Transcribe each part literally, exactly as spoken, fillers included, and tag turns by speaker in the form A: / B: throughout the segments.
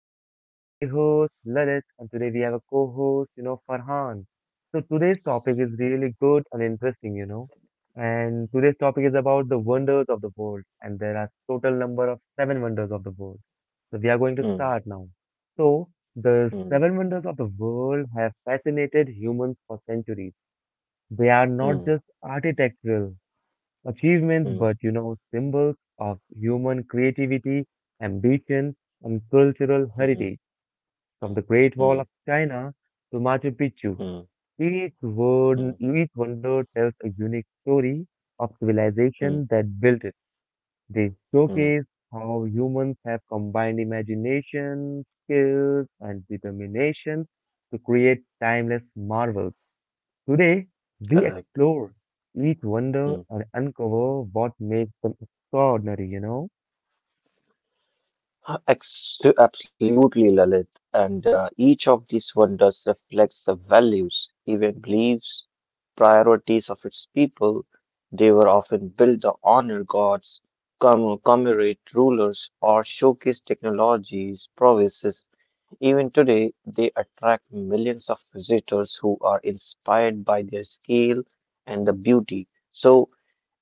A: and I'm your lovely host, Lalit, and today we have a co-host, you know, Farhan. So today's topic is really good and interesting, you know. And today's topic is about the wonders of the world, and there are total number of seven wonders of the world. So we are going to start now. So the seven wonders of the world have fascinated humans for centuries. They are not just architectural, achievements, but you know, symbols of human creativity, ambition, and cultural heritage. From the
B: うんうんうんうんうんうんうんうんうんうんうんCorrect.
A: Great Wall of China to Machu Picchu, each word, each wonder tells a unique story of civilization that built it. They showcase how humans have combined imagination, skills, and determination to create timeless marvels. Today, we explore each
B: Mm.
A: wonder and uncover what makes them extraordinary, you know?
B: Uh, ex- Absolutely, Lalit. And uh, each of these wonders reflects the values, even beliefs, priorities of its people. They were often built to honor gods, commem- commemorate rulers, or showcase technologies, prowess. Even today, they attract millions of visitors who are inspired by their scale and the beauty. So,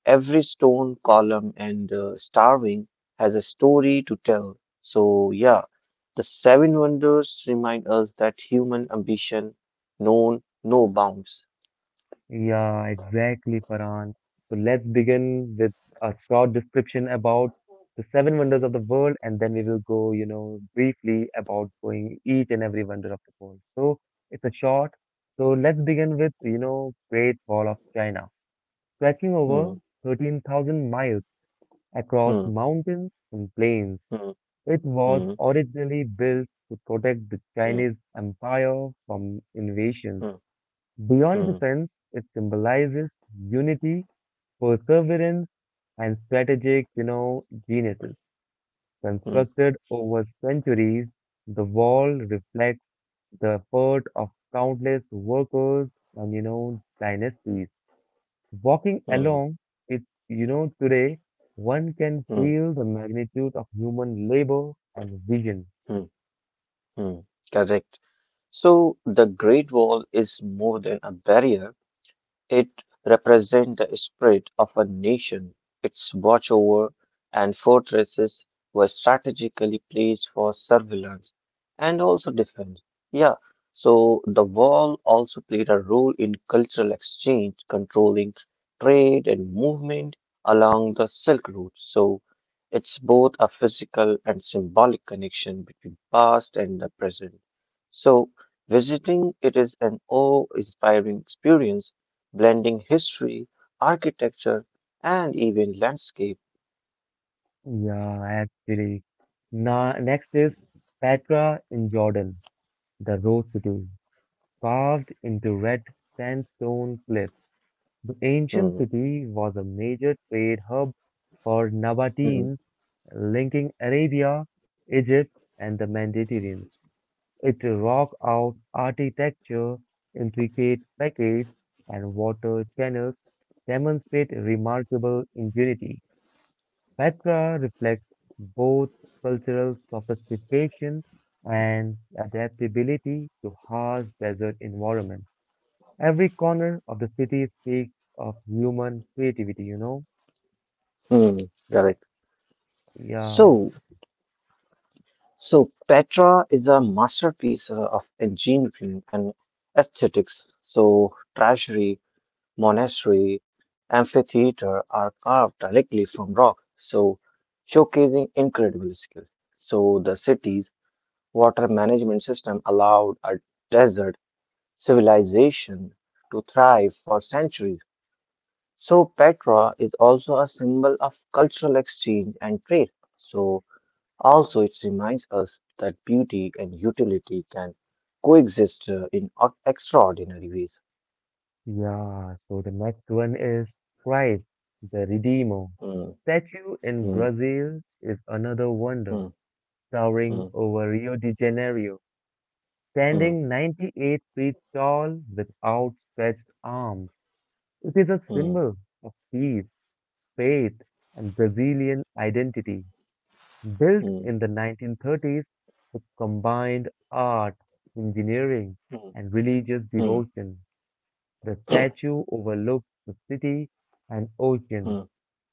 B: every stone, column, and uh, starving has a story to tell. So, yeah, the seven wonders remind us that human ambition known no bounds.
A: Yeah, exactly, Farhan. So let's begin with a short description about the seven wonders of the world, and then we will go, you know, briefly about going each and every wonder of the world. So it's a short. So let's begin with, you know, Great Wall of China, stretching over
B: Hmm,
A: thirteen thousand miles across
B: hmm,
A: mountains and plains.
B: hmm,
A: It was
B: hmm,
A: originally built to protect the
B: hmm,
A: Chinese Empire from invasions.
B: hmm,
A: Beyond
B: hmm,
A: defense, it symbolizes unity, perseverance, and strategic, you know, geniuses.
B: hmm,
A: Constructed over centuries, the wall reflects the effort of countless workers and, you know, dynasties. Walking
B: hmm,
A: along it, you know, today, one can
B: hmm,
A: feel the magnitude of human labor and vision.
B: hmm, hmm. Correct. So, the Great Wall is more than a barrier. It represents the spirit of a nation. Its watchover and fortresses were strategically placed for surveillance and also defense. Yeah, so the wall also played a role in cultural exchange, controlling trade and movement along the Silk Route. So it's both a physical and symbolic connection between past and the present. So visiting it is an awe-inspiring experience blending history, architecture, and even landscape.
A: Yeah, actually. Na next is Petra in Jordan, the Rose City, carved into red sandstone cliffs. The ancient
B: Hmm,
A: city was a major trade hub for
B: hmm,
A: Nabateans, linking Arabia, Egypt, and the Mediterranean. Its rock out architecture, intricate facades, and water channels demonstrate remarkable ingenuity. Petra reflects both cultural sophistication and adaptability to harsh desert environments. Every corner of the city speaks of human creativity, you know?
B: hmm,
A: Yeah,
B: correct.
A: yeah.
B: So, so Petra is a masterpiece uh, of engineering and aesthetics. So, treasury, monastery, amphitheater are carved directly from rock. So, showcasing incredible skill. So, the city's water management system allowed a desert civilization to thrive for centuries. So Petra is also a symbol of cultural exchange and trade. So also it reminds us that beauty and utility can coexist uh, in o- extraordinary ways.
A: yeah. So the next one is Christ, the Redeemer.
B: Hmm,
A: Statue in
B: hmm,
A: Brazil is another wonder,
B: hmm,
A: towering
B: hmm,
A: over Rio de Janeiro,
B: hmm,
A: standing ninety-eight feet tall with outstretched arms. It is a
B: hmm,
A: symbol of peace, faith, and Brazilian identity, built
B: hmm,
A: in the nineteen thirties with combined art, engineering, and religious
B: hmm, hmm,
A: devotion. The
B: hmm,
A: statue overlooks the city and ocean,
B: hmm,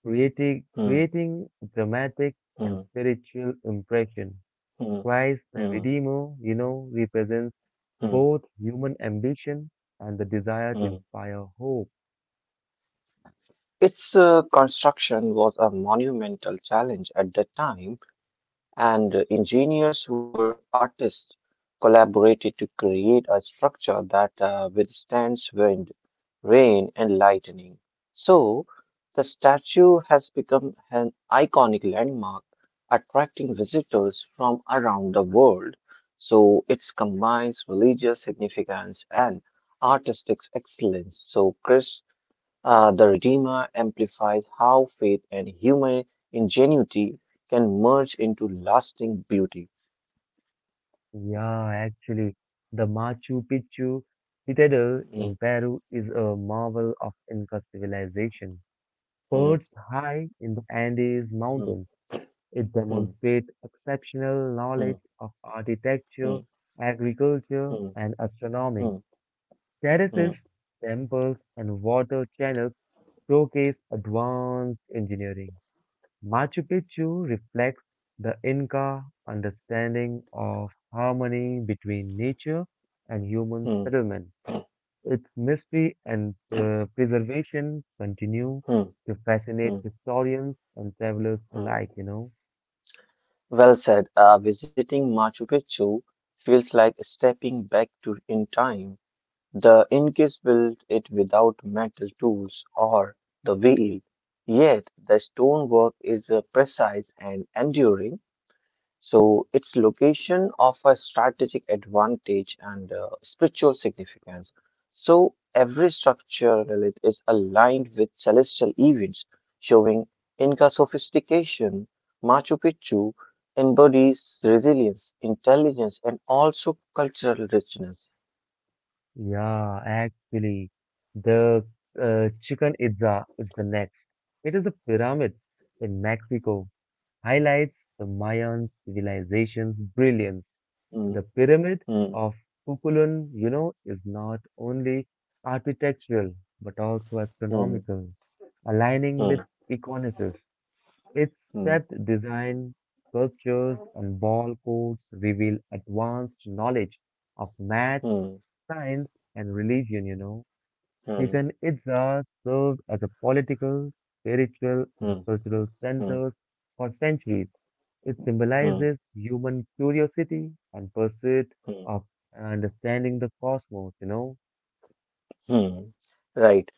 A: creating,
B: hmm,
A: creating a dramatic and
B: hmm,
A: spiritual impression.
B: hmm,
A: Christ the
B: hmm,
A: Redeemer, you know, represents
B: hmm.
A: both human ambition and the desire to
B: hmm.
A: inspire hope.
B: Its uh, construction was a monumental challenge at that time, and engineers who were artists collaborated to create a structure that uh, withstands wind, rain, and lightning. So, the statue has become an iconic landmark, attracting visitors from around the world. So, it combines religious significance and artistic excellence. So, Chris, uh, the Redeemer amplifies how faith and human ingenuity can merge into lasting beauty.
A: Yeah, actually, the Machu Picchu citadel in
B: Mm,
A: Peru is a marvel of Inca civilization.
B: mm,
A: Perched high in the Andes
B: mm,
A: Mountains, it
B: mm,
A: demonstrates exceptional
B: mm,
A: knowledge of
B: mm,
A: architecture,
B: mm,
A: agriculture,
B: mm,
A: and astronomy.
B: mm, mm,
A: Terraces, temples, and water channels showcase advanced engineering. Machu Picchu reflects the Inca understanding of harmony between nature and human
B: mm,
A: settlement. Its mystery and uh, preservation continue
B: mm,
A: to fascinate
B: mm,
A: historians and travelers
B: mm.
A: alike, you know.
B: Well said. Uh, visiting Machu Picchu feels like stepping back to in time. The Incas built it without metal tools or the wheel, yet the stonework is uh, precise and enduring. So its location offers strategic advantage and uh, spiritual significance. So every structure relic is aligned with celestial events, showing Inca sophistication. Machu Picchu embodies resilience, intelligence, and also cultural richness.
A: Yeah, actually, the uh, Chichen Itza is the next. It is a pyramid in Mexico, highlights the Mayan civilization's brilliance.
B: Hmm,
A: The pyramid
B: hmm,
A: of Kukulun, you know, is not only architectural but also
B: hmm,
A: astronomical, aligning with
B: hmm,
A: Econosis. Its
B: hmm,
A: stepped design, sculptures, and ball codes reveal advanced knowledge of math,
B: hmm,
A: science, and religion, you know.
B: hmm,
A: Chichen Itza served as a political, spiritual, and
B: hmm,
A: cultural
B: hmm,
A: centers for centuries. It
B: hmm,
A: symbolizes human curiosity and pursuit
B: hmm,
A: of understanding the cosmos, you know.
B: hmm. Right.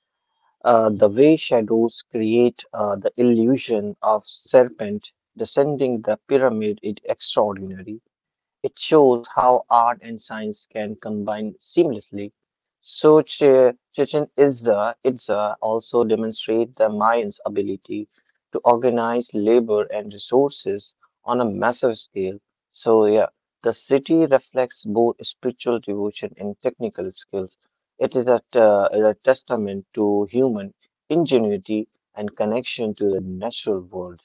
B: Uh, the way shadows create uh, the illusion of serpent descending the pyramid is extraordinary. It shows how art and science can combine seamlessly. So Ch- Chichen Itza, Itza also demonstrate the Mayans' ability to organize labor and resources on a massive scale. So yeah, the city reflects both spiritual devotion and technical skills. It is a, t- a testament to human ingenuity and connection to the natural world.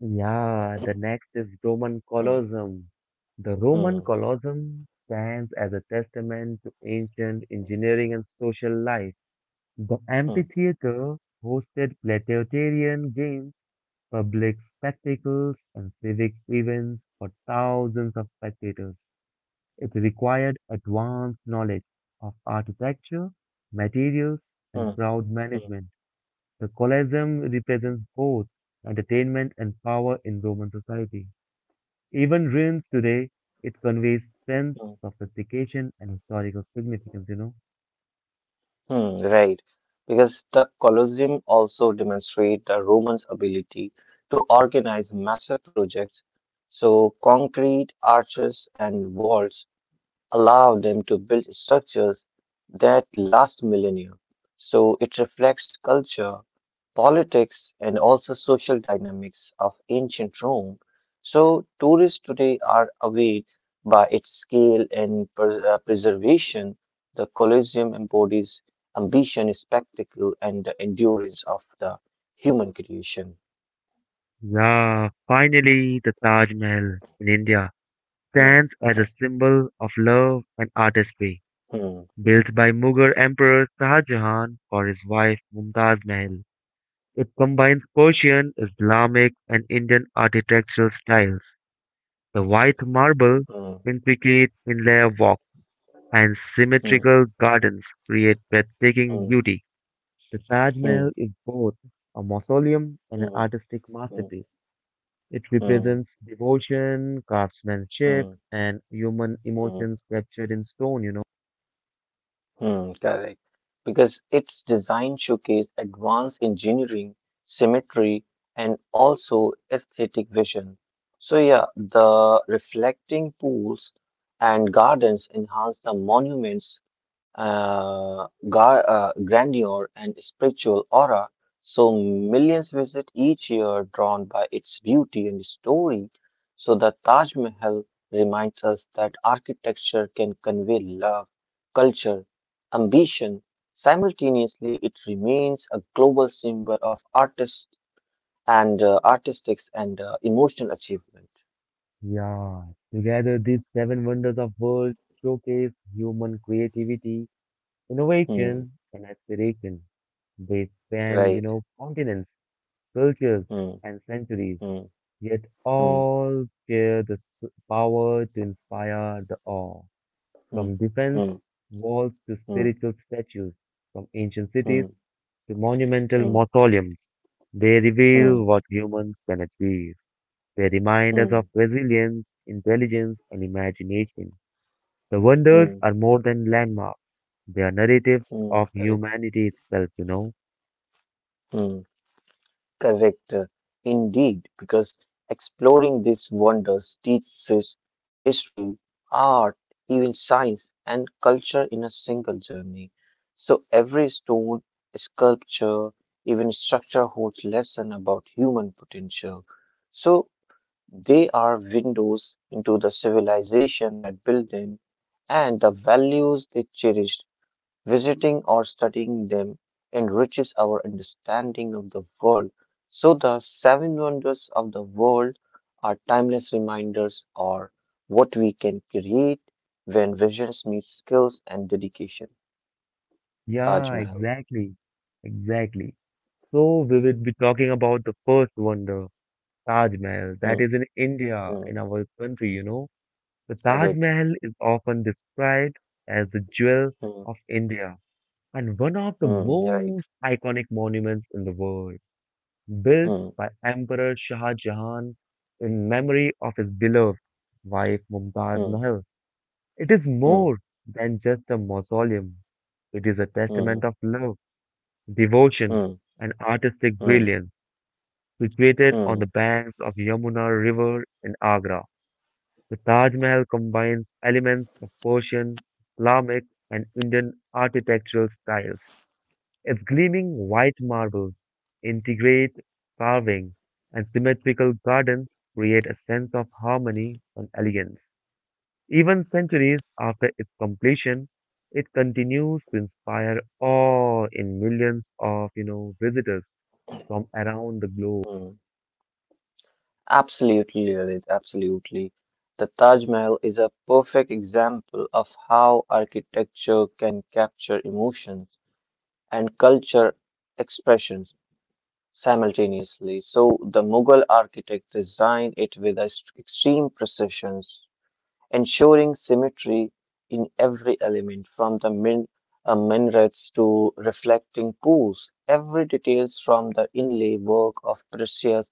A: Yeah, the next is Roman
B: Hmm,
A: Colosseum. The Roman
B: hmm,
A: Colosseum stands as a testament to ancient engineering and social life. The
B: hmm,
A: amphitheater hosted gladiatorian games, public spectacles, and civic events for thousands of spectators. It required advanced knowledge of architecture, materials, and
B: hmm,
A: crowd
B: hmm,
A: management. The Colosseum represents both entertainment and power in Roman society. Even ruins today, it conveys sense,
B: hmm,
A: sophistication, and historical significance, you know.
B: hmm, Right, because the Colosseum also demonstrate the Romans' ability to organize massive projects. So concrete arches and walls allow them to build structures that last millennia. So it reflects culture politics, and also social dynamics of ancient Rome. So, tourists today are awed by its scale and per- uh, preservation. The Colosseum embodies ambition, spectacle, and the endurance of the human creation.
A: Yeah, finally, the Taj Mahal in India
B: Hmm,
A: stands as a symbol of love and artistry.
B: hmm,
A: Built by Mughal Emperor Shah Jahan for his wife Mumtaz Mahal. It combines Persian, Islamic, and Indian architectural styles. The white marble,
B: hmm,
A: intricate inlay walk, and
B: hmm,
A: symmetrical gardens create breathtaking
B: hmm,
A: beauty. The Taj
B: hmm,
A: Mahal is both a mausoleum and an
B: hmm,
A: artistic
B: hmm,
A: masterpiece. It
B: hmm, hmm,
A: represents devotion, craftsmanship,
B: hmm,
A: and human
B: hmm.
A: emotions captured in stone, you know.
B: Hmm, correct. Because its design showcased advanced engineering, symmetry, and also aesthetic vision. So yeah, the reflecting pools and gardens enhance the monument's uh, ga- uh, grandeur and spiritual aura. So millions visit each year, drawn by its beauty and story. So the Taj Mahal reminds us that architecture can convey love, culture, ambition. Simultaneously, it remains a global symbol of artists and uh, artistics and uh, emotional achievement.
A: Yeah, together these seven wonders of world showcase human creativity,
B: Hmm,
A: Innovation and aspiration, they span, you
B: right.
A: know, continents, cultures,
B: Hmm,
A: and centuries,
B: hmm,
A: yet
B: hmm,
A: all share the s- power to inspire the awe.
B: hmm,
A: From defense
B: hmm,
A: walls to
B: hmm,
A: spiritual statues, from ancient cities
B: hmm,
A: to monumental
B: hmm.
A: mausoleums, they reveal
B: hmm.
A: what humans can achieve. They remind us
B: Mm,
A: of resilience, intelligence, and imagination. The wonders
B: mm,
A: are more than landmarks. They are narratives
B: mm,
A: of
B: correct.
A: humanity itself, you know.
B: Mm, correct. uh, Indeed, because exploring these wonders teaches history, art, even science and culture in a single journey. So every stone, sculpture, even structure holds lesson about human potential. So they are windows into the civilization that built them and the values they cherished. Visiting or studying them enriches our understanding of the world. So, the seven wonders of the world are timeless reminders or what we can create when visions meet skills and dedication. Taj
A: Yeah,
B: Mahal.
A: exactly. Exactly. So we will be talking about the first wonder, Taj Mahal, that
B: Hmm,
A: is in India,
B: hmm,
A: in our country, you know. The Taj
B: correct.
A: Mahal is often described as the jewel of
B: Hmm,
A: India and one of the
B: hmm, right.
A: most iconic monuments in the world, built
B: Hmm,
A: by Emperor Shah Jahan in memory of his beloved wife Mumtaz
B: hmm,
A: Mahal. It is more
B: hmm,
A: than just a mausoleum. It is a testament
B: hmm,
A: of love, devotion,
B: hmm,
A: and artistic
B: hmm,
A: brilliance. Situated on the
B: hmm,
A: banks of Yamuna River in Agra, the Taj Mahal combines elements of Persian, Islamic, and Indian architectural styles. Its gleaming white marble, intricate carving, and symmetrical gardens create a sense of harmony and elegance. Even centuries after its completion, it continues to inspire awe in millions of you know visitors from around the globe.
B: hmm. Absolutely, Lalit, absolutely. The Taj Mahal is a perfect example of how architecture can capture emotions and culture expressions simultaneously. So, the Mughal architect designed it with a s- extreme precision, ensuring symmetry in every element from the min uh, minarets to reflecting pools. Every details from the inlay work of precious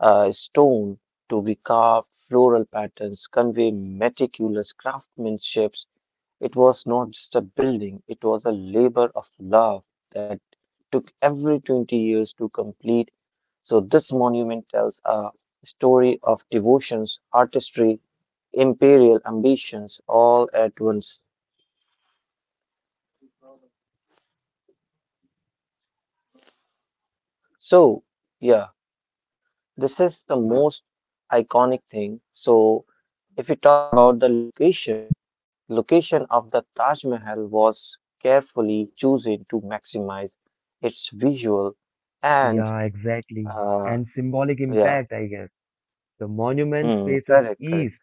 B: uh, stone to be carved, floral patterns convey meticulous craftsmanship. It was not just a building, it was a labor of love that took every twenty years to complete. So, this monument tells a story of devotions, artistry, imperial ambitions all at once. So, yeah, this is the most iconic thing. So, if we talk about the location, location of the Taj Mahal was carefully chosen to maximize its visual and
A: Yeah, exactly.
B: uh,
A: And symbolic
B: yeah,
A: impact, I guess. The monument
B: hmm,
A: faces
B: correct, correct.
A: east,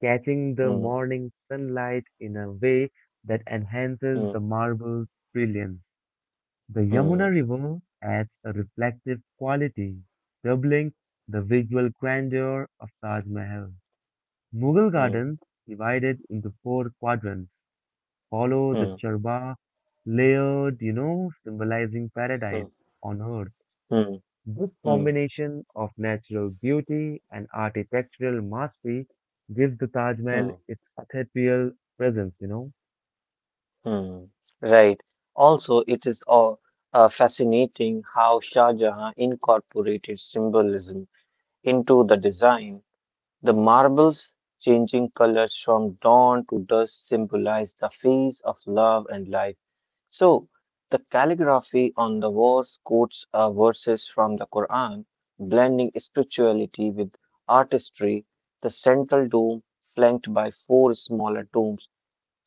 A: catching the
B: Hmm,
A: morning sunlight in a way that enhances
B: hmm,
A: the marble's brilliance. The
B: hmm,
A: Yamuna River adds a reflective quality, doubling the visual grandeur of Taj Mahal. Mughal
B: hmm,
A: gardens, divided into four quadrants, follow the
B: hmm,
A: charba layered, you know, symbolizing
B: hmm,
A: paradise on earth.
B: hmm,
A: This
B: hmm,
A: combination of natural beauty and architectural mastery gives the Taj Mahal
B: hmm,
A: its ethereal presence, you know.
B: hmm. Right. Also, it is all uh, fascinating how Shah Jahan incorporated symbolism into the design. The marbles changing colors from dawn to dusk symbolize the phase of love and life. So, the calligraphy on the walls quotes uh, verses from the Quran, blending spirituality with artistry. The central dome, flanked by four smaller domes,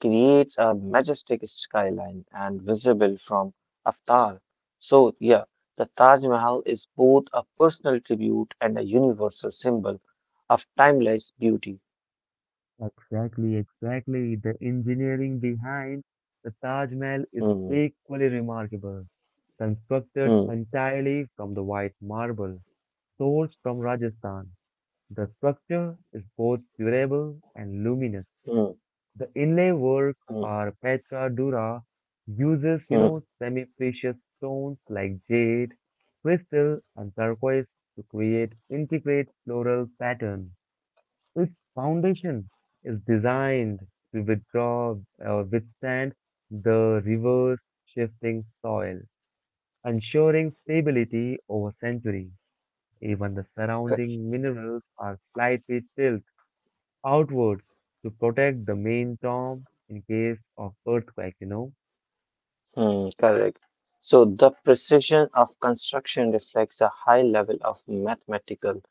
B: creates a majestic skyline and visible from afar. So, yeah, the Taj Mahal is both a personal tribute and a universal symbol of timeless beauty.
A: Exactly, exactly. The engineering behind the Taj Mahal is
B: Hmm,
A: equally remarkable,
B: hmm,
A: constructed entirely from the white marble sourced from Rajasthan. The structure is both durable and luminous,
B: hmm,
A: The inlay work
B: hmm,
A: or Petra Dura uses, you know,
B: hmm.
A: semi-precious stones like jade, crystal, and turquoise to create intricate floral pattern. Its foundation is designed to withdraw or withstand the reverse shifting soil, ensuring stability over centuries. Even the surrounding minerals are slightly tilted outwards to protect the main tomb in case of earthquake, you know?
B: Hmm, correct. So the precision of construction reflects a high level of mathematical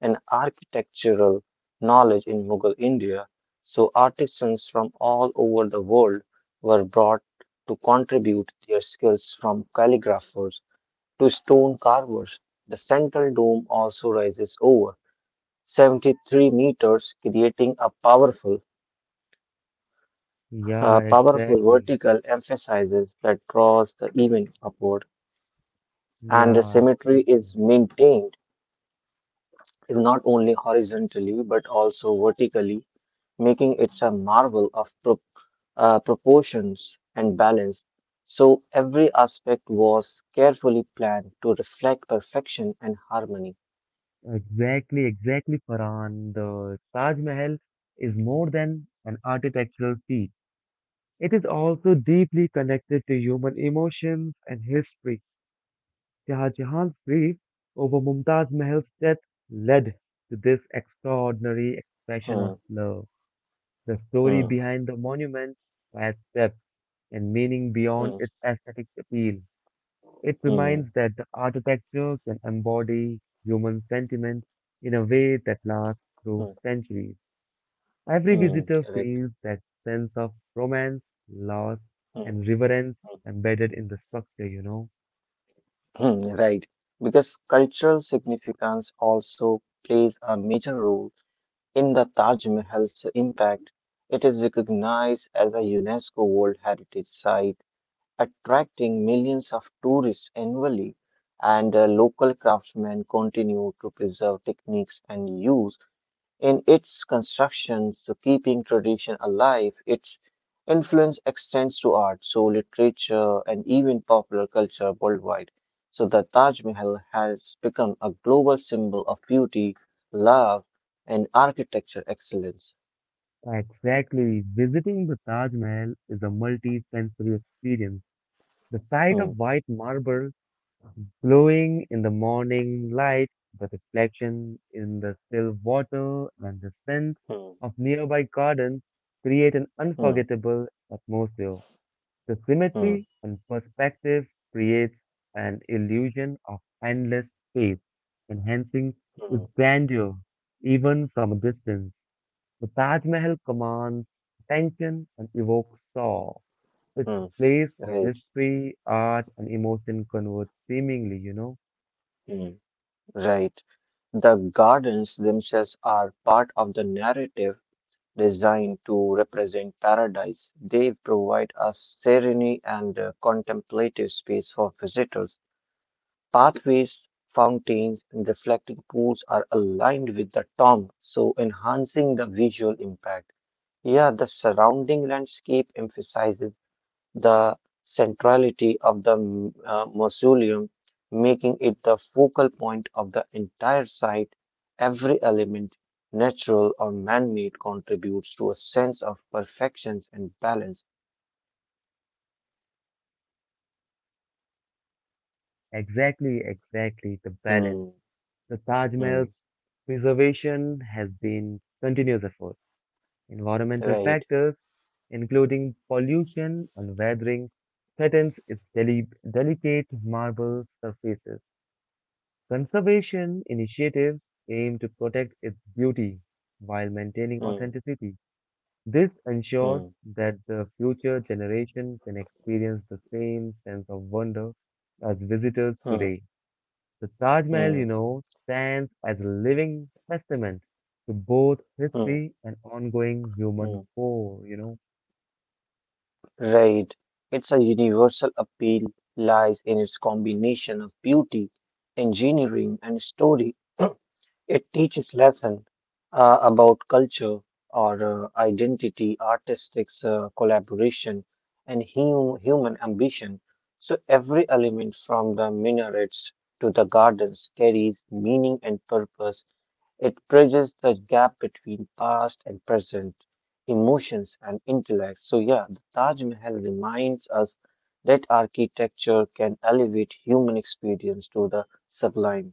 B: and architectural knowledge in Mughal India. So artisans from all over the world were brought to contribute their skills from calligraphers to stone carvers. The central dome also rises over seventy-three meters, creating a powerful, uh,
A: Yeah,
B: powerful
A: exactly.
B: vertical emphasis that draws the event upward. And the
A: Yeah,
B: symmetry
A: so true.
B: is maintained not only horizontally but also vertically, making it a marvel of pro- uh, proportions and balance. So every aspect was carefully planned to reflect perfection and harmony.
A: Exactly, exactly, Farhan. The Taj Mahal is more than an architectural feat. It is also deeply connected to human emotions and history. Shah Jahan's grief over Mumtaz Mahal's death led to this extraordinary expression
B: Hmm,
A: of love. The story
B: hmm,
A: behind the monument has depth and meaning
B: hmm,
A: beyond its aesthetic appeal. It
B: hmm,
A: reminds that the architecture can embody human sentiment in a way that lasts through
B: hmm,
A: centuries. Every
B: hmm,
A: visitor
B: correct.
A: feels that sense of romance, loss,
B: Hmm,
A: and reverence
B: hmm,
A: embedded in the structure, you know.
B: hmm, right. Because cultural significance also plays a major role in the Taj Mahal's impact. It is recognized as a UNESCO World Heritage Site, attracting millions of tourists annually, and uh, local craftsmen continue to preserve techniques and use in its construction, so keeping tradition alive. Its influence extends to art, so literature, and even popular culture worldwide. So the Taj Mahal has become a global symbol of beauty, love, and architecture excellence.
A: Exactly. Visiting the Taj Mahal is a multi sensory experience. The sight
B: Hmm,
A: of white marble glowing in the morning light, the reflection in the still water and the scent
B: hmm,
A: of nearby gardens create an
B: hmm,
A: unforgettable atmosphere. The
B: hmm,
A: symmetry and perspective creates an illusion of endless space, enhancing its
B: hmm,
A: grandeur even from a distance. The Taj Mahal commands attention and evokes awe. It's a
B: hmm,
A: place where
B: Right,
A: history, art, and emotion converge seemingly, you know.
B: hmm, right. The gardens themselves are part of the narrative designed to represent paradise. They provide a serene and uh, contemplative space for visitors. Pathways, fountains, and reflecting pools are aligned with the tomb, so enhancing the visual impact. Yeah, the surrounding landscape emphasizes the centrality of the m- uh, mausoleum, making it the focal point of the entire site. Every element, natural or man made, contributes to a sense of perfections and balance.
A: Exactly, exactly. The balance.
B: Hmm,
A: The Taj
B: hmm,
A: Mahal's preservation has been continuous effort. Environmental
B: right.
A: factors, including pollution and weathering, threatens its deli- delicate marble surfaces. Conservation initiatives aim to protect its beauty while maintaining
B: Hmm,
A: authenticity. This
B: hmm,
A: ensures that the future generation can experience the same sense of wonder as visitors
B: hmm,
A: today. The Taj Mahal, you
B: hmm,
A: know, stands as a living testament to both
B: hmm,
A: history and ongoing
B: hmm.
A: human core, you know.
B: Right. It's a universal appeal lies in its combination of beauty, engineering, and story. It teaches lesson uh, about culture or uh, identity, artistic uh, collaboration, and hum human ambition. So every element from the minarets to the gardens carries meaning and purpose. It bridges the gap between past and present, emotions and intellect. So yeah, the Taj Mahal reminds us that architecture can elevate human experience to the sublime.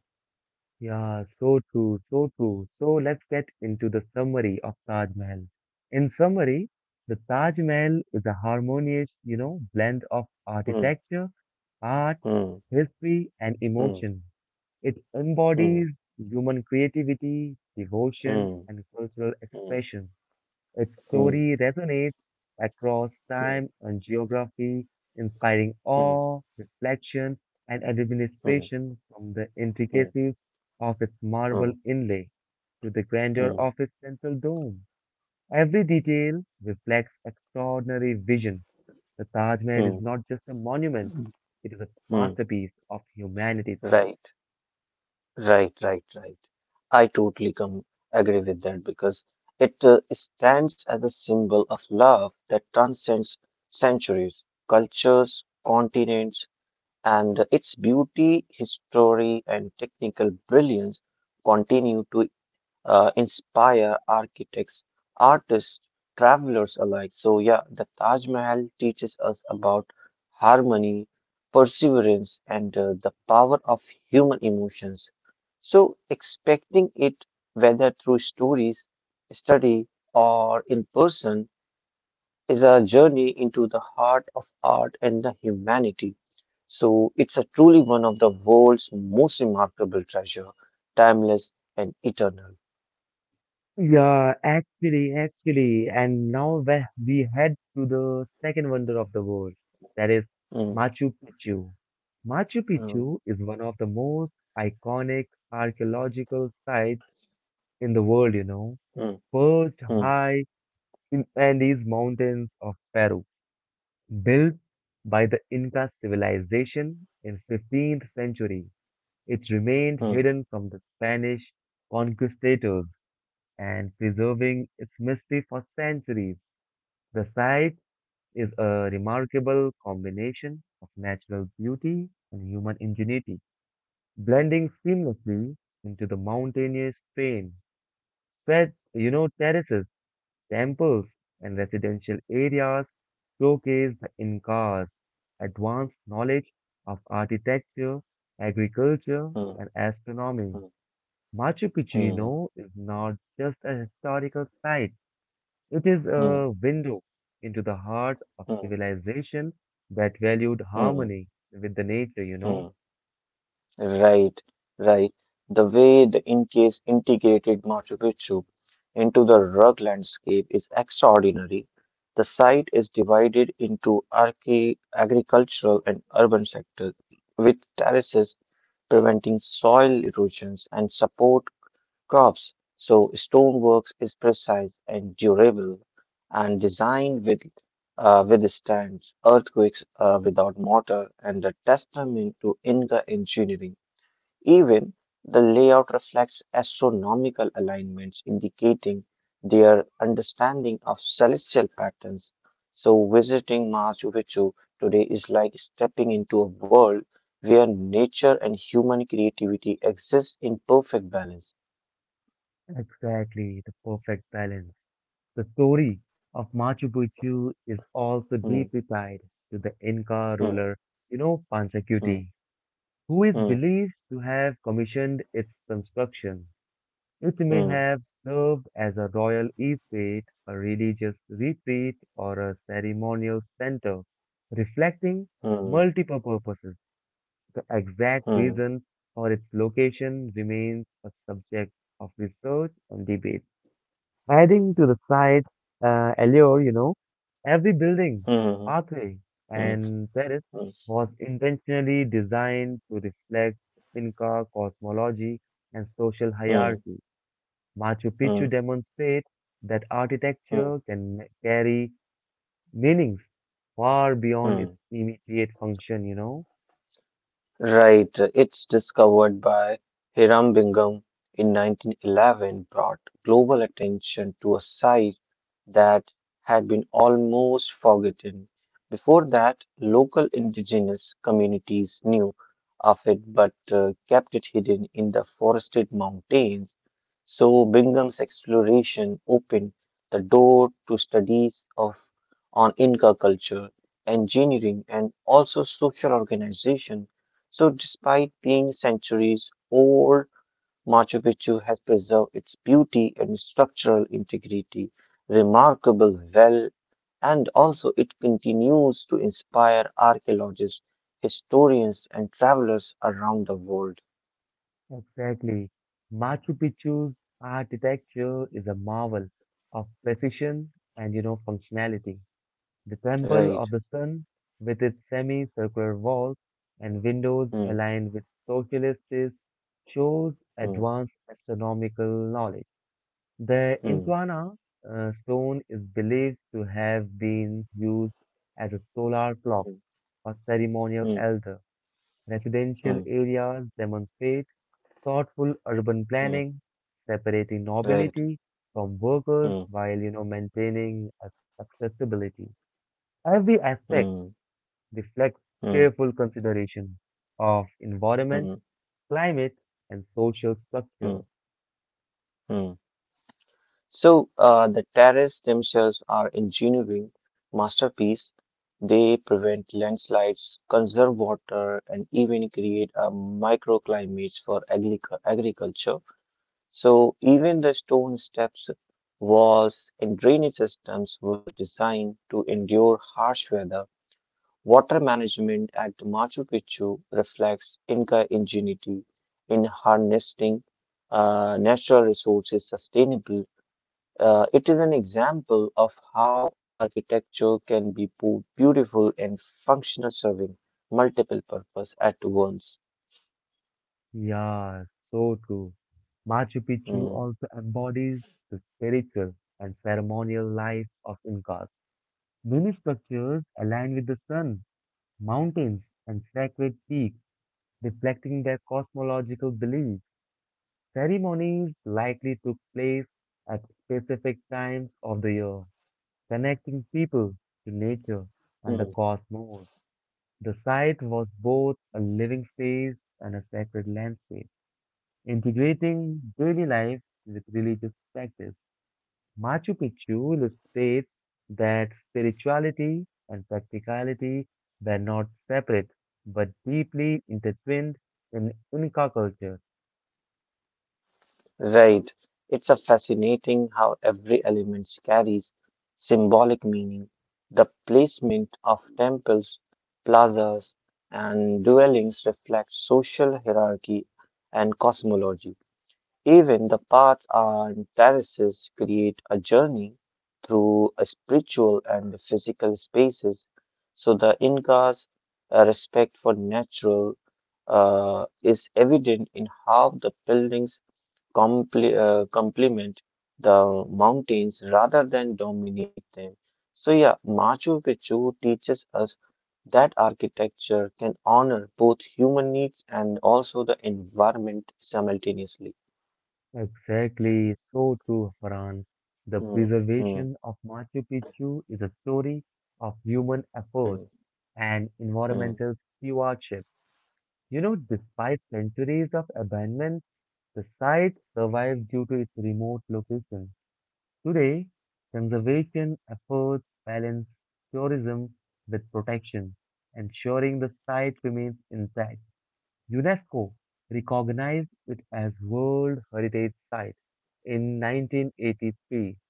A: Yeah, so true, so true. So let's get into the summary of Taj Mahal. In summary, the Taj Mahal is a harmonious, you know, blend of
B: Hmm,
A: architecture, art,
B: hmm,
A: history, and
B: hmm,
A: emotion. It
B: hmm.
A: embodies human creativity, devotion,
B: Mm,
A: and cultural
B: mm,
A: expression. Its
B: mm,
A: story resonates across
B: mm,
A: time and geography, inspiring
B: mm,
A: awe, reflection, and
B: mm,
A: administration from the
B: mm,
A: intricacies of its marble
B: mm,
A: inlay to the grandeur
B: mm,
A: of its central dome. Every detail reflects extraordinary vision. The Taj Mahal is
B: mm,
A: not just a monument,
B: mm,
A: it is a
B: mm.
A: masterpiece of humanity itself.
B: Right, right, right, right. I totally come agree with that because it uh, stands as a symbol of love that transcends centuries, cultures, continents, and its beauty, history, and technical brilliance continue to uh, inspire architects, artists, travelers alike. So, yeah, the Taj Mahal teaches us about harmony, perseverance, and uh, the power of human emotions. So, expecting it, whether through stories, study, or in person, is a journey into the heart of art and the humanity. So, it's a truly one of the world's most remarkable treasure, timeless and eternal.
A: Yeah, actually, actually, and now we we head to the second wonder of the world, that is
B: Hmm.
A: Machu Picchu. Machu Picchu is one of the most iconic archaeological sites in the world, you know, perched high in Andes Mountains of Peru, built by the Inca civilization in fifteenth century. It remained hidden from the Spanish conquistadors and preserving its mystery for centuries. The site is a remarkable combination of natural beauty and human ingenuity, blending seamlessly into the mountainous terrain. Spread, you know, terraces, temples, and residential areas showcase the Incas' advanced knowledge of architecture, agriculture, and astronomy.
B: うん、うん、うん、うん、うん、うん、うん、うん、うん、うんうんRight,
A: Machu Picchu you know, is not just a historical site. It is a window into the heart of civilization that valued harmony with the nature, you know?
B: right. Right. The way the Incas integrated Machu Picchu into the rug landscape is extraordinary. The site is divided into arche agricultural and urban sectors, with terraces preventing soil erosions and support crafts, so stoneworks is precise and durable and designed with uh, withstands earthquakes uh, without mortar and a testament to Inca engineering. Even the layout reflects astronomical alignments indicating their understanding of celestial patterns. So visiting Machu Picchu today is like stepping into a world where nature and human creativity exist in perfect balance.
A: Exactly, the perfect balance. The story of Machu Picchu is also
B: Hmm.
A: deeply tied to the Inca
B: Hmm.
A: ruler, you know,
B: Hmm.
A: Panchakuti, who is
B: Hmm.
A: believed to have commissioned its construction. It may
B: Hmm.
A: have served as a royal estate, a religious retreat, or a ceremonial center, reflecting
B: Hmm.
A: multiple purposes. The exact
B: Hmm.
A: reason for its location remains a subject of research and debate. Adding to the site uh, allure, you know, every building,
B: Hmm.
A: pathway,
B: Hmm.
A: and terrace
B: Hmm.
A: was intentionally designed to reflect Inca cosmology and social
B: Hmm.
A: hierarchy. Machu
B: Hmm.
A: Picchu demonstrates that architecture can ma- carry meanings far beyond its
B: Hmm.
A: immediate function, you know?
B: Right. It's discovered by Hiram Bingham in nineteen eleven brought global attention to a site that had been almost forgotten. Before that, local indigenous communities knew of it but uh, kept it hidden in the forested mountains. So Bingham's exploration opened the door to studies of on Inca culture, engineering, and also social organization. So despite being centuries old, Machu Picchu has preserved its beauty and structural integrity remarkable well, and also it continues to inspire archaeologists, historians, and travelers around the world.
A: Exactly. Machu Picchu's architecture is a marvel of precision and, you know, functionality. The Temple
B: Right.
A: of the Sun, with its semicircular walls and windows
B: Hmm.
A: aligned with socialists, shows
B: Hmm.
A: advanced astronomical knowledge. The
B: Hmm.
A: Intuana uh, stone is believed to have been used as a solar clock for ceremonial
B: Hmm. Hmm.
A: elder. Residential
B: Hmm.
A: areas demonstrate thoughtful urban
B: Hmm.
A: planning, separating
B: Right.
A: nobility from workers
B: Hmm.
A: while you know maintaining ac- accessibility. Every aspect
B: Hmm.
A: reflects
B: Hmm.
A: careful consideration of environment,
B: Hmm.
A: climate, and social
B: Hmm.
A: structure.
B: Hmm. So uh, the terraces themselves are engineering masterpiece. They prevent landslides, conserve water, and even create a microclimates for agric agriculture. So even the stone steps, walls, and drainage systems were designed to endure harsh weather. Water management at Machu Picchu reflects Inca ingenuity in harnessing uh, natural resources sustainably uh, it is an example of how architecture can be bo- beautiful and functional, serving multiple purpose at once.
A: Yeah, so true. Machu Picchu
B: Hmm,
A: also embodies the spiritual and ceremonial life of Incas. Many structures align with the sun, mountains, and sacred peaks, reflecting their cosmological beliefs. Ceremonies likely took place at specific times of the year, connecting people to nature and the
B: hmm,
A: cosmos. The site was both a living space and a sacred landscape, integrating daily life with religious practice. Machu Picchu illustrates that spirituality and practicality were not separate but deeply intertwined in Inca culture.
B: right. It's a fascinating how every element carries symbolic meaning. The placement of temples, plazas, and dwellings reflects social hierarchy and cosmology. Even the paths and terraces create a journey through a spiritual and physical spaces. So the Inca's uh, respect for natural uh, is evident in how the buildings comple uh, complement the mountains rather than dominate them. So yeah, Machu Picchu teaches us that architecture can honor both human needs and also the environment simultaneously.
A: Exactly, so true, Farhan. The
B: Hmm, hmm,
A: preservation of Machu Picchu is a story of human
B: hmm,
A: effort and
B: hmm,
A: environmental stewardship. You know, despite centuries of abandonment, the site survived due to its remote location. Today, conservation efforts balance tourism with protection, ensuring the site remains intact. UNESCO recognized it as World Heritage Site in nineteen eighty-three,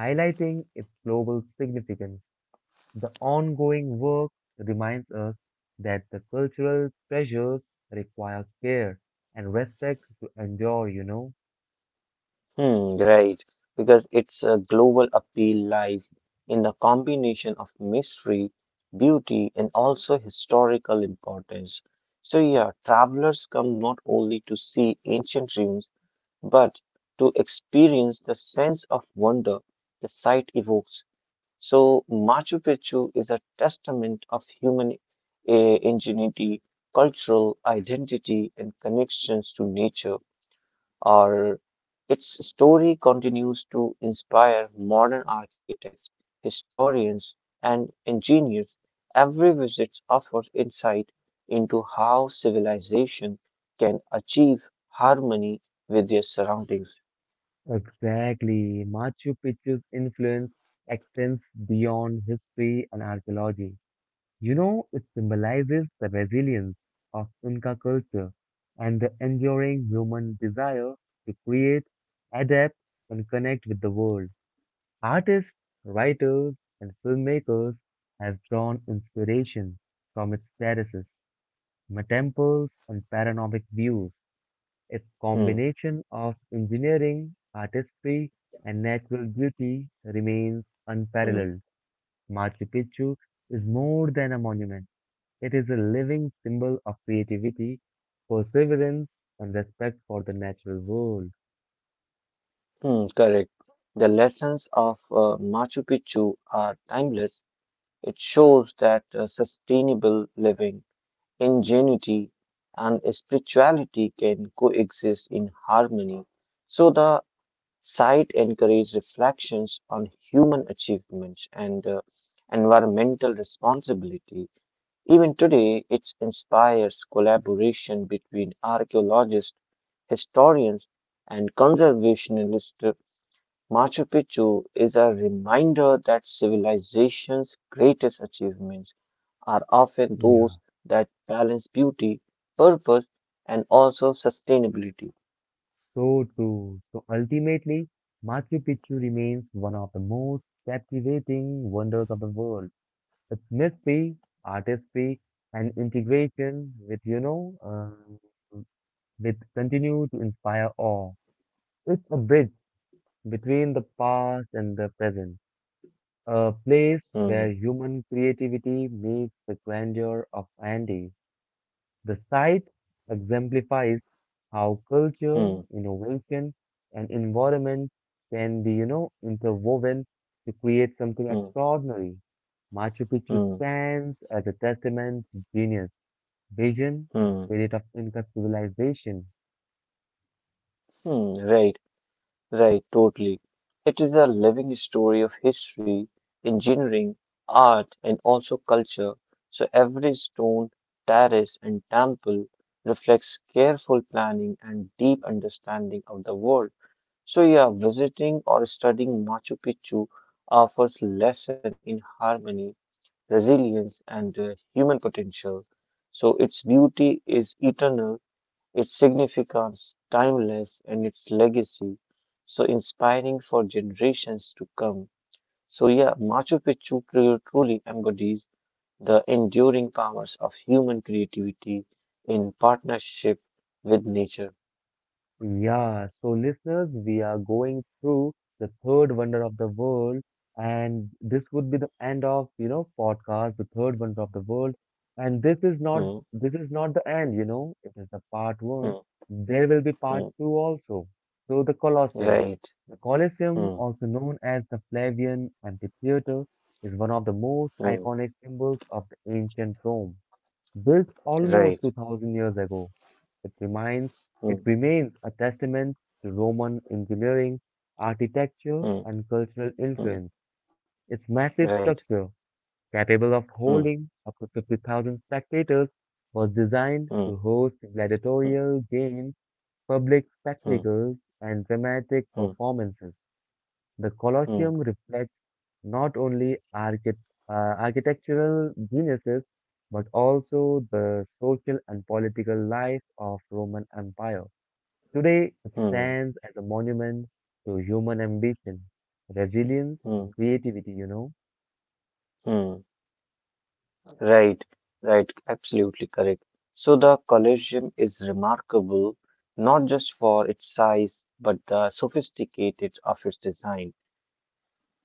A: highlighting its global significance. The ongoing work reminds us that the cultural treasures require care and respect to endure, you know.
B: hmm, right, because its uh, global appeal lies in the combination of mystery, beauty, and also historical importance. So, yeah, travelers come not only to see ancient ruins, but to experience the sense of wonder the site evokes. So, Machu Picchu is a testament of human uh, ingenuity, cultural identity, and connections to nature. Or its story continues to inspire modern architects, historians, and engineers. Every visit offers insight into how civilization can achieve harmony with their surroundings.
A: Exactly. Machu Picchu's influence extends beyond history and archaeology. You know, it symbolizes the resilience of Inca culture and the enduring human desire to create, adapt, and connect with the world. Artists, writers, and filmmakers have drawn inspiration from its terraces, temples, and panoramic views. A
B: Hmm,
A: combination of engineering, artistry, and natural beauty remains
B: hmm,
A: unparalleled. Machu Picchu is more than a monument. It is a living symbol of creativity, perseverance, and respect for the natural world.
B: hmm, correct. The lessons of uh, Machu Picchu are timeless. It shows that uh, sustainable living ingenuity, and spirituality can coexist in harmony. So the site encourages reflections on human achievements and uh, environmental responsibility. Even today, it inspires collaboration between archaeologists, historians, and conservationists. Machu Picchu is a reminder that civilization's greatest achievements are often
A: Yeah,
B: those that balance beauty, purpose, and also sustainability.
A: so true. So ultimately, Machu Picchu remains one of the most captivating wonders of the world. Its mystery, artistry, and integration with, you know, uh, with continue to inspire awe. It's a bridge between the past and the present, a place
B: Hmm,
A: where human creativity meets the grandeur of Andes. The site exemplifies how culture,
B: hmm,
A: innovation, and environment can be, you know, interwoven to create something
B: hmm,
A: extraordinary. Machu Picchu
B: hmm,
A: stands as a testament to genius, vision, and
B: hmm,
A: spirit of Inca civilization.
B: hmm. Right, right, totally. It is a living story of history, engineering, art, and also culture. So every stone, terrace, and temple reflects careful planning and deep understanding of the world. So, yeah, visiting or studying Machu Picchu offers lesson in harmony resilience, and uh, human potential. So its beauty is eternal, its significance timeless, and its legacy so inspiring for generations to come. So yeah, Machu Picchu pru- truly embodies the enduring powers of human creativity in partnership with nature.
A: Yeah, so listeners, we are going through the third wonder of the world, and this would be the end of, you know, podcast, the third wonder of the world. And this is not
B: Hmm,
A: this is not the end, you know, it is the part one.
B: hmm,
A: There will be
B: hmm.
A: part two also. So the Colosseum.
B: Right.
A: The Colosseum,
B: Hmm,
A: also known as the Flavian Amphitheater, is one of the most
B: hmm.
A: iconic symbols of the ancient Rome. Built
B: Right.
A: almost two thousand years ago, it reminds it
B: Hmm,
A: remains a testament to Roman engineering, architecture,
B: hmm,
A: and cultural
B: hmm.
A: influence. Its massive
B: Right.
A: structure, capable of
B: Hmm,
A: holding up to fifty thousand spectators, was designed
B: hmm,
A: to host
B: hmm,
A: gladiatorial games, public
B: hmm,
A: spectacles, and dramatic
B: hmm.
A: performances. The
B: Hmm.
A: Colosseum reflects not only archi- uh, architectural geniuses but also the social and political life of Roman Empire. Today, it
B: Hmm,
A: stands as a monument to human ambition, resilience,
B: hmm,
A: and creativity, you know.
B: hmm. Right, right, absolutely correct. So the Colosseum is remarkable not just for its size, but the sophisticated of its design.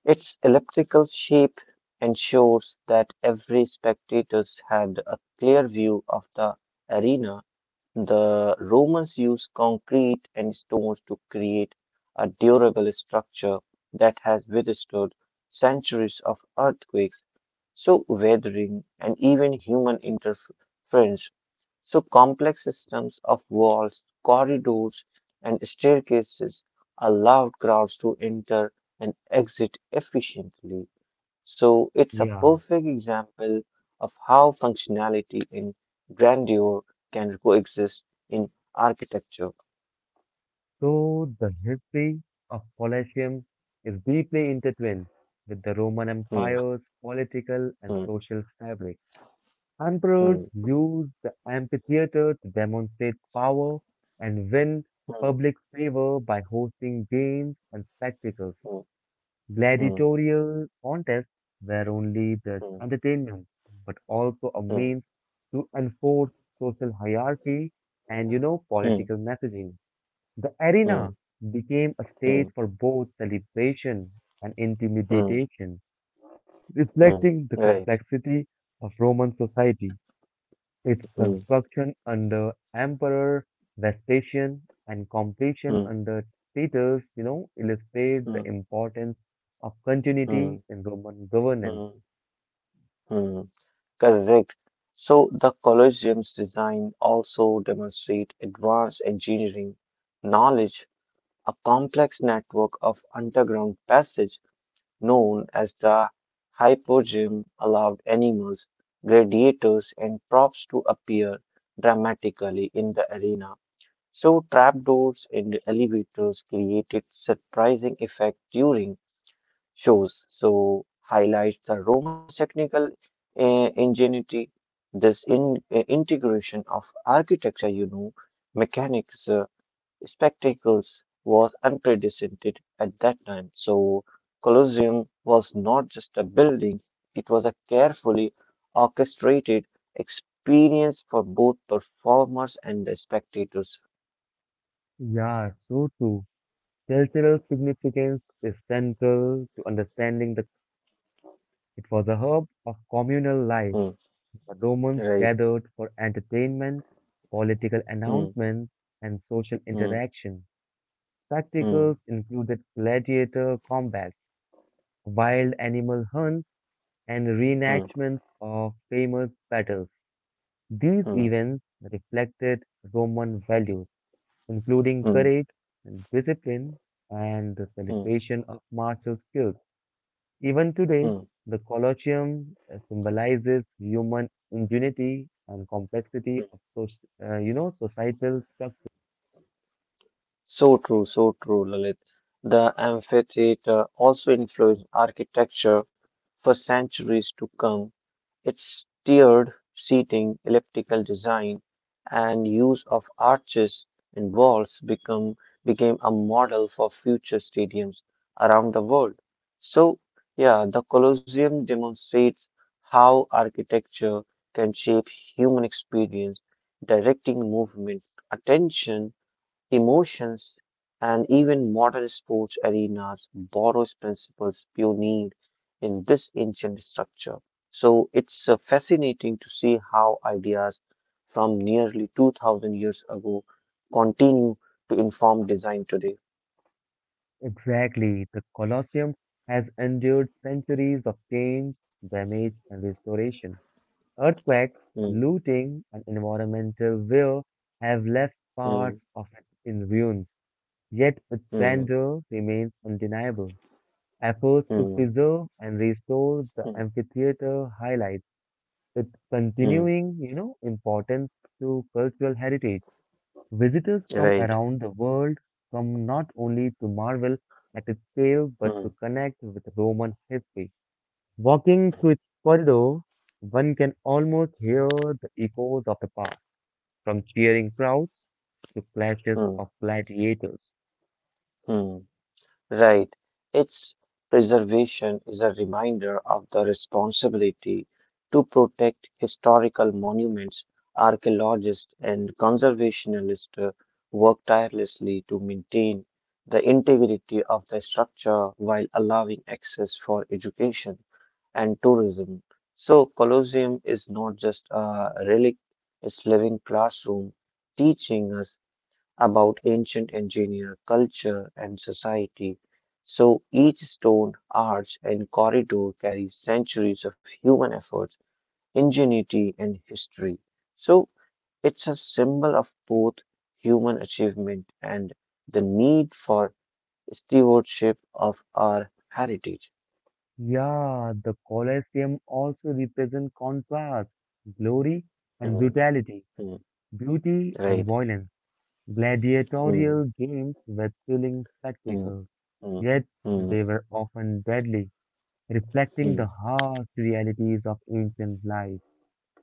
B: Its elliptical shape ensures that every spectators had a clear view of the arena. The Romans used concrete and stones to create a durable structure that has withstood centuries of earthquakes, so weathering, and even human interference. So complex systems of walls, corridors, and staircases allowed crowds to enter and exit efficiently. So it's a
A: Yeah.
B: perfect example of how functionality and grandeur can coexist in architecture.
A: So the history of Colosseum is deeply intertwined with the Roman
B: Hmm,
A: Empire's political and
B: hmm,
A: social fabric. Emperors
B: hmm,
A: used the amphitheater to demonstrate power and win
B: hmm,
A: public favor by hosting games and spectacles.
B: hmm,
A: Gladiatorial contests were only the
B: hmm,
A: entertainment, but also a
B: hmm,
A: means to enforce social hierarchy and, you know,
B: hmm, hmm,
A: political messaging. The
B: hmm,
A: arena became a stage
B: hmm,
A: for both celebration and
B: hmm,
A: intimidation,
B: hmm.
A: reflecting the
B: Right.
A: complexity of Roman society. Its
B: Hmm,
A: construction under Emperor Vespasian and completion
B: hmm,
A: under Titus, you know, illustrates
B: hmm,
A: the importance of
B: hmm,
A: continuity in Roman governance.
B: hmm, hmm. Correct. So the Colosseum's design also demonstrate advanced engineering knowledge, a complex network of underground passage known as the Hypogym allowed animals, gladiators, and props to appear dramatically in the arena, so trapdoors and elevators created surprising effect during shows. So highlights the Romans' technical uh, ingenuity, this in, uh, integration of architecture, you know, mechanics, uh, spectacles was unprecedented at that time. So Colosseum was not just a building, it was a carefully orchestrated experience for both performers and the spectators.
A: Yeah, so true. Cultural significance is central to understanding that it was a hub of communal life.
B: Hmm,
A: The Romans
B: right.
A: gathered for entertainment, political
B: Hmm,
A: announcements, and social
B: hmm,
A: interaction.
B: hmm,
A: Spectacles included gladiator combats, wild animal hunts, and
B: hmm,
A: reenactments of famous battles. These
B: hmm,
A: events reflected Roman values, including
B: hmm,
A: courage and discipline and the
B: hmm, hmm,
A: celebration of martial skills. Even today,
B: hmm.
A: the Colosseum uh, symbolizes human ingenuity and complexity of soc- uh, you know societal structure.
B: So true, so true, Lalit. The amphitheater also influenced architecture for centuries to come. Its tiered seating, elliptical design, and use of arches and walls become became a model for future stadiums around the world. So, yeah, the Colosseum demonstrates how architecture can shape human experience, directing movement, attention, emotions and even modern sports arenas borrows principles pioneered in this ancient structure. So it's uh, fascinating to see how ideas from nearly two thousand years ago continue to inform design today.
A: Exactly, the Colosseum has endured centuries of change, damage, and restoration. Earthquakes,
B: Hmm,
A: looting, and environmental war have left
B: hmm,
A: parts of it in ruins, yet its
B: hmm,
A: grandeur remains undeniable. Efforts to
B: hmm,
A: preserve and restore the
B: hmm,
A: amphitheater highlight its
B: hmm,
A: continuing, you know, importance to cultural heritage. Visitors from
B: right.
A: around the world come not only to marvel at its scale but
B: Hmm,
A: to connect with Roman history. Walking through its corridor, one can almost hear the echoes of the past, from cheering crowds to clashes
B: hmm,
A: of gladiators.
B: hmm. Hmm. Right. Its preservation is a reminder of the responsibility to protect historical monuments. Archaeologists and conservationists work tirelessly to maintain the integrity of the structure while allowing access for education and tourism. So, Colosseum is not just a relic, it's living classroom teaching us about ancient engineer culture and society. So each stone, arch, and corridor carries centuries of human effort, ingenuity, and history. So it's a symbol of both human achievement and the need for stewardship of our heritage.
A: Yeah, the Colosseum also represents contrast, glory and
B: Hmm,
A: brutality,
B: hmm,
A: beauty and
B: right.
A: violence. Gladiatorial
B: Hmm,
A: games were thrilling
B: hmm,
A: spectacles,
B: hmm,
A: yet
B: hmm,
A: they were often deadly, reflecting the
B: hmm,
A: harsh realities of ancient life.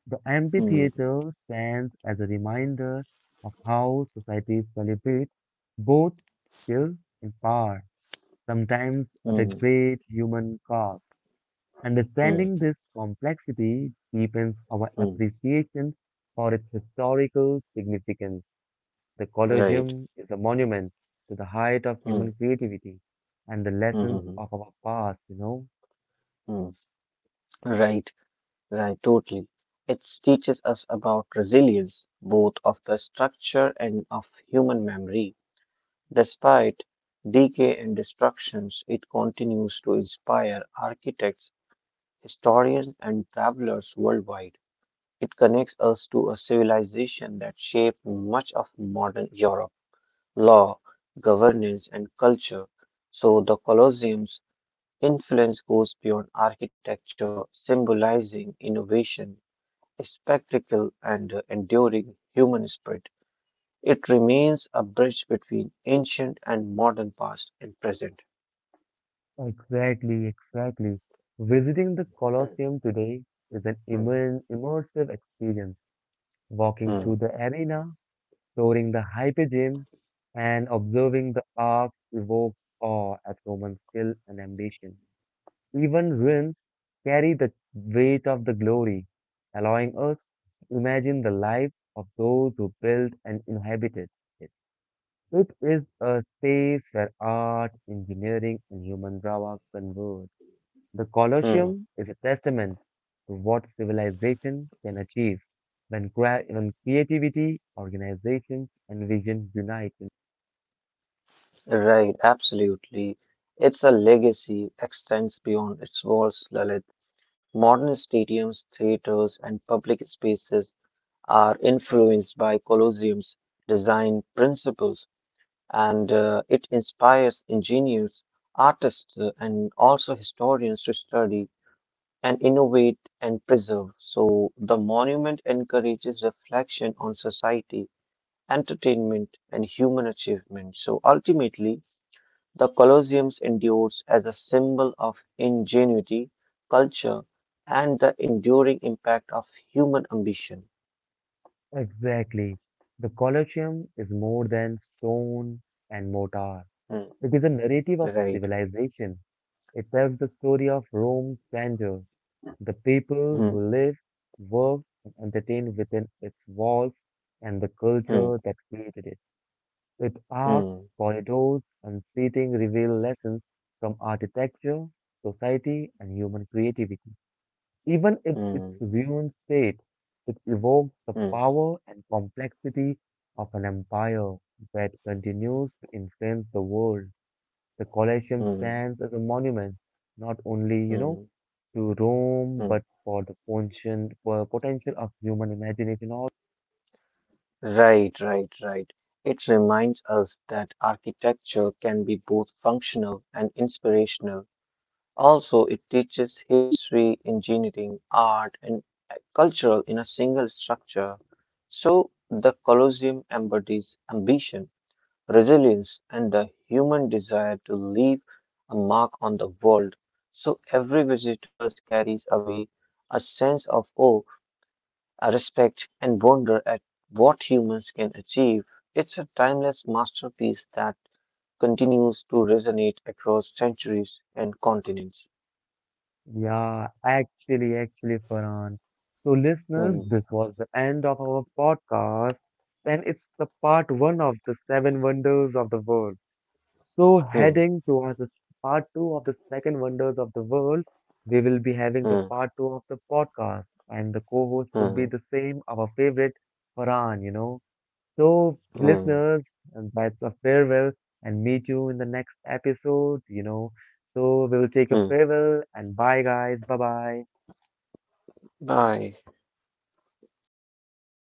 A: The
B: hmm,
A: amphitheater stands as a reminder of how society celebrates both skill and power, sometimes at a
B: hmm,
A: great human cost.
B: hmm,
A: Understanding this complexity deepens our
B: hmm,
A: appreciation for its historical significance. The
B: right.
A: Colosseum is a monument to the height of
B: Hmm,
A: human creativity and the
B: hmm,
A: lessons
B: hmm,
A: of our past, you know.
B: hmm, hmm, right. Right, totally. It teaches us about resilience, both of the structure and of human memory. Despite decay and destructions, it continues to inspire architects, historians, and travelers worldwide. It connects us to a civilization that shaped much of modern Europe, law, governance, and culture. So the Colosseum's influence goes beyond architecture, symbolizing innovation spectacle and the enduring human spirit. It remains a bridge between ancient and modern past and present.
A: Exactly, exactly. Visiting the Colosseum today is an
B: Hmm,
A: immer immersive experience. Walking
B: hmm,
A: through the arena, touring the hypogeum, and observing the arch evokes awe at Roman skill and ambition. Even ruins carry the weight of the glory, allowing us to imagine the lives of those who built and inhabited it. It is a space where art, engineering, and human drama converge. The Colosseum
B: hmm.
A: is a testament to what civilization can achieve when, crea- when creativity, organization, and vision unite.
B: Right, absolutely. It's a legacy extends beyond its walls, Lalit. Modern stadiums, theaters, and public spaces are influenced by Colosseum's design principles, and uh, it inspires engineers, artists, uh, and also historians to study and innovate and preserve. So the monument encourages reflection on society, entertainment, and human achievement. So ultimately, the Colosseum endures as a symbol of ingenuity, culture, and the enduring impact of human ambition.
A: Exactly. The Colosseum is more than stone and mortar.
B: Hmm,
A: It is a narrative of
B: right.
A: civilization. It tells the story of Rome's grandeur, the people
B: Hmm,
A: who lived, worked, and entertained within its walls, and the
B: hmm,
A: culture that created it. Its arcs,
B: hmm,
A: corridors, and seating reveal lessons from architecture, society, and human creativity. Even in its
B: hmm,
A: ruined state, it evokes the
B: hmm,
A: power and complexity of an empire that continues to influence the world. The Colosseum
B: hmm,
A: stands as a monument, not only, you know,
B: hmm,
A: to Rome,
B: hmm,
A: but for the function, for potential of human imagination also.
B: right, right, right. It reminds us that architecture can be both functional and inspirational. Also, it teaches history, engineering, art, and uh, cultural in a single structure. So, the Colosseum embodies ambition, resilience, and the human desire to leave a mark on the world. So, every visitor carries away a sense of awe I respect and wonder at what humans can achieve. It's a timeless masterpiece that continues to resonate across centuries and continents.
A: Yeah, actually, actually, Farhan. So, listeners,
B: Hmm,
A: this was the end of our podcast, and it's the part one of the seven wonders of the world. So,
B: hmm,
A: heading towards the part two of the second wonders of the world, we will be having the
B: hmm,
A: part two of the podcast, and the co-host would be
B: hmm,
A: the same, our favorite Farhan, you know. So,
B: hmm,
A: listeners, and that's a farewell and meet you in the next episode, you know. So, we'll take a
B: hmm.
A: farewell and bye, guys. Bye bye.
B: Bye.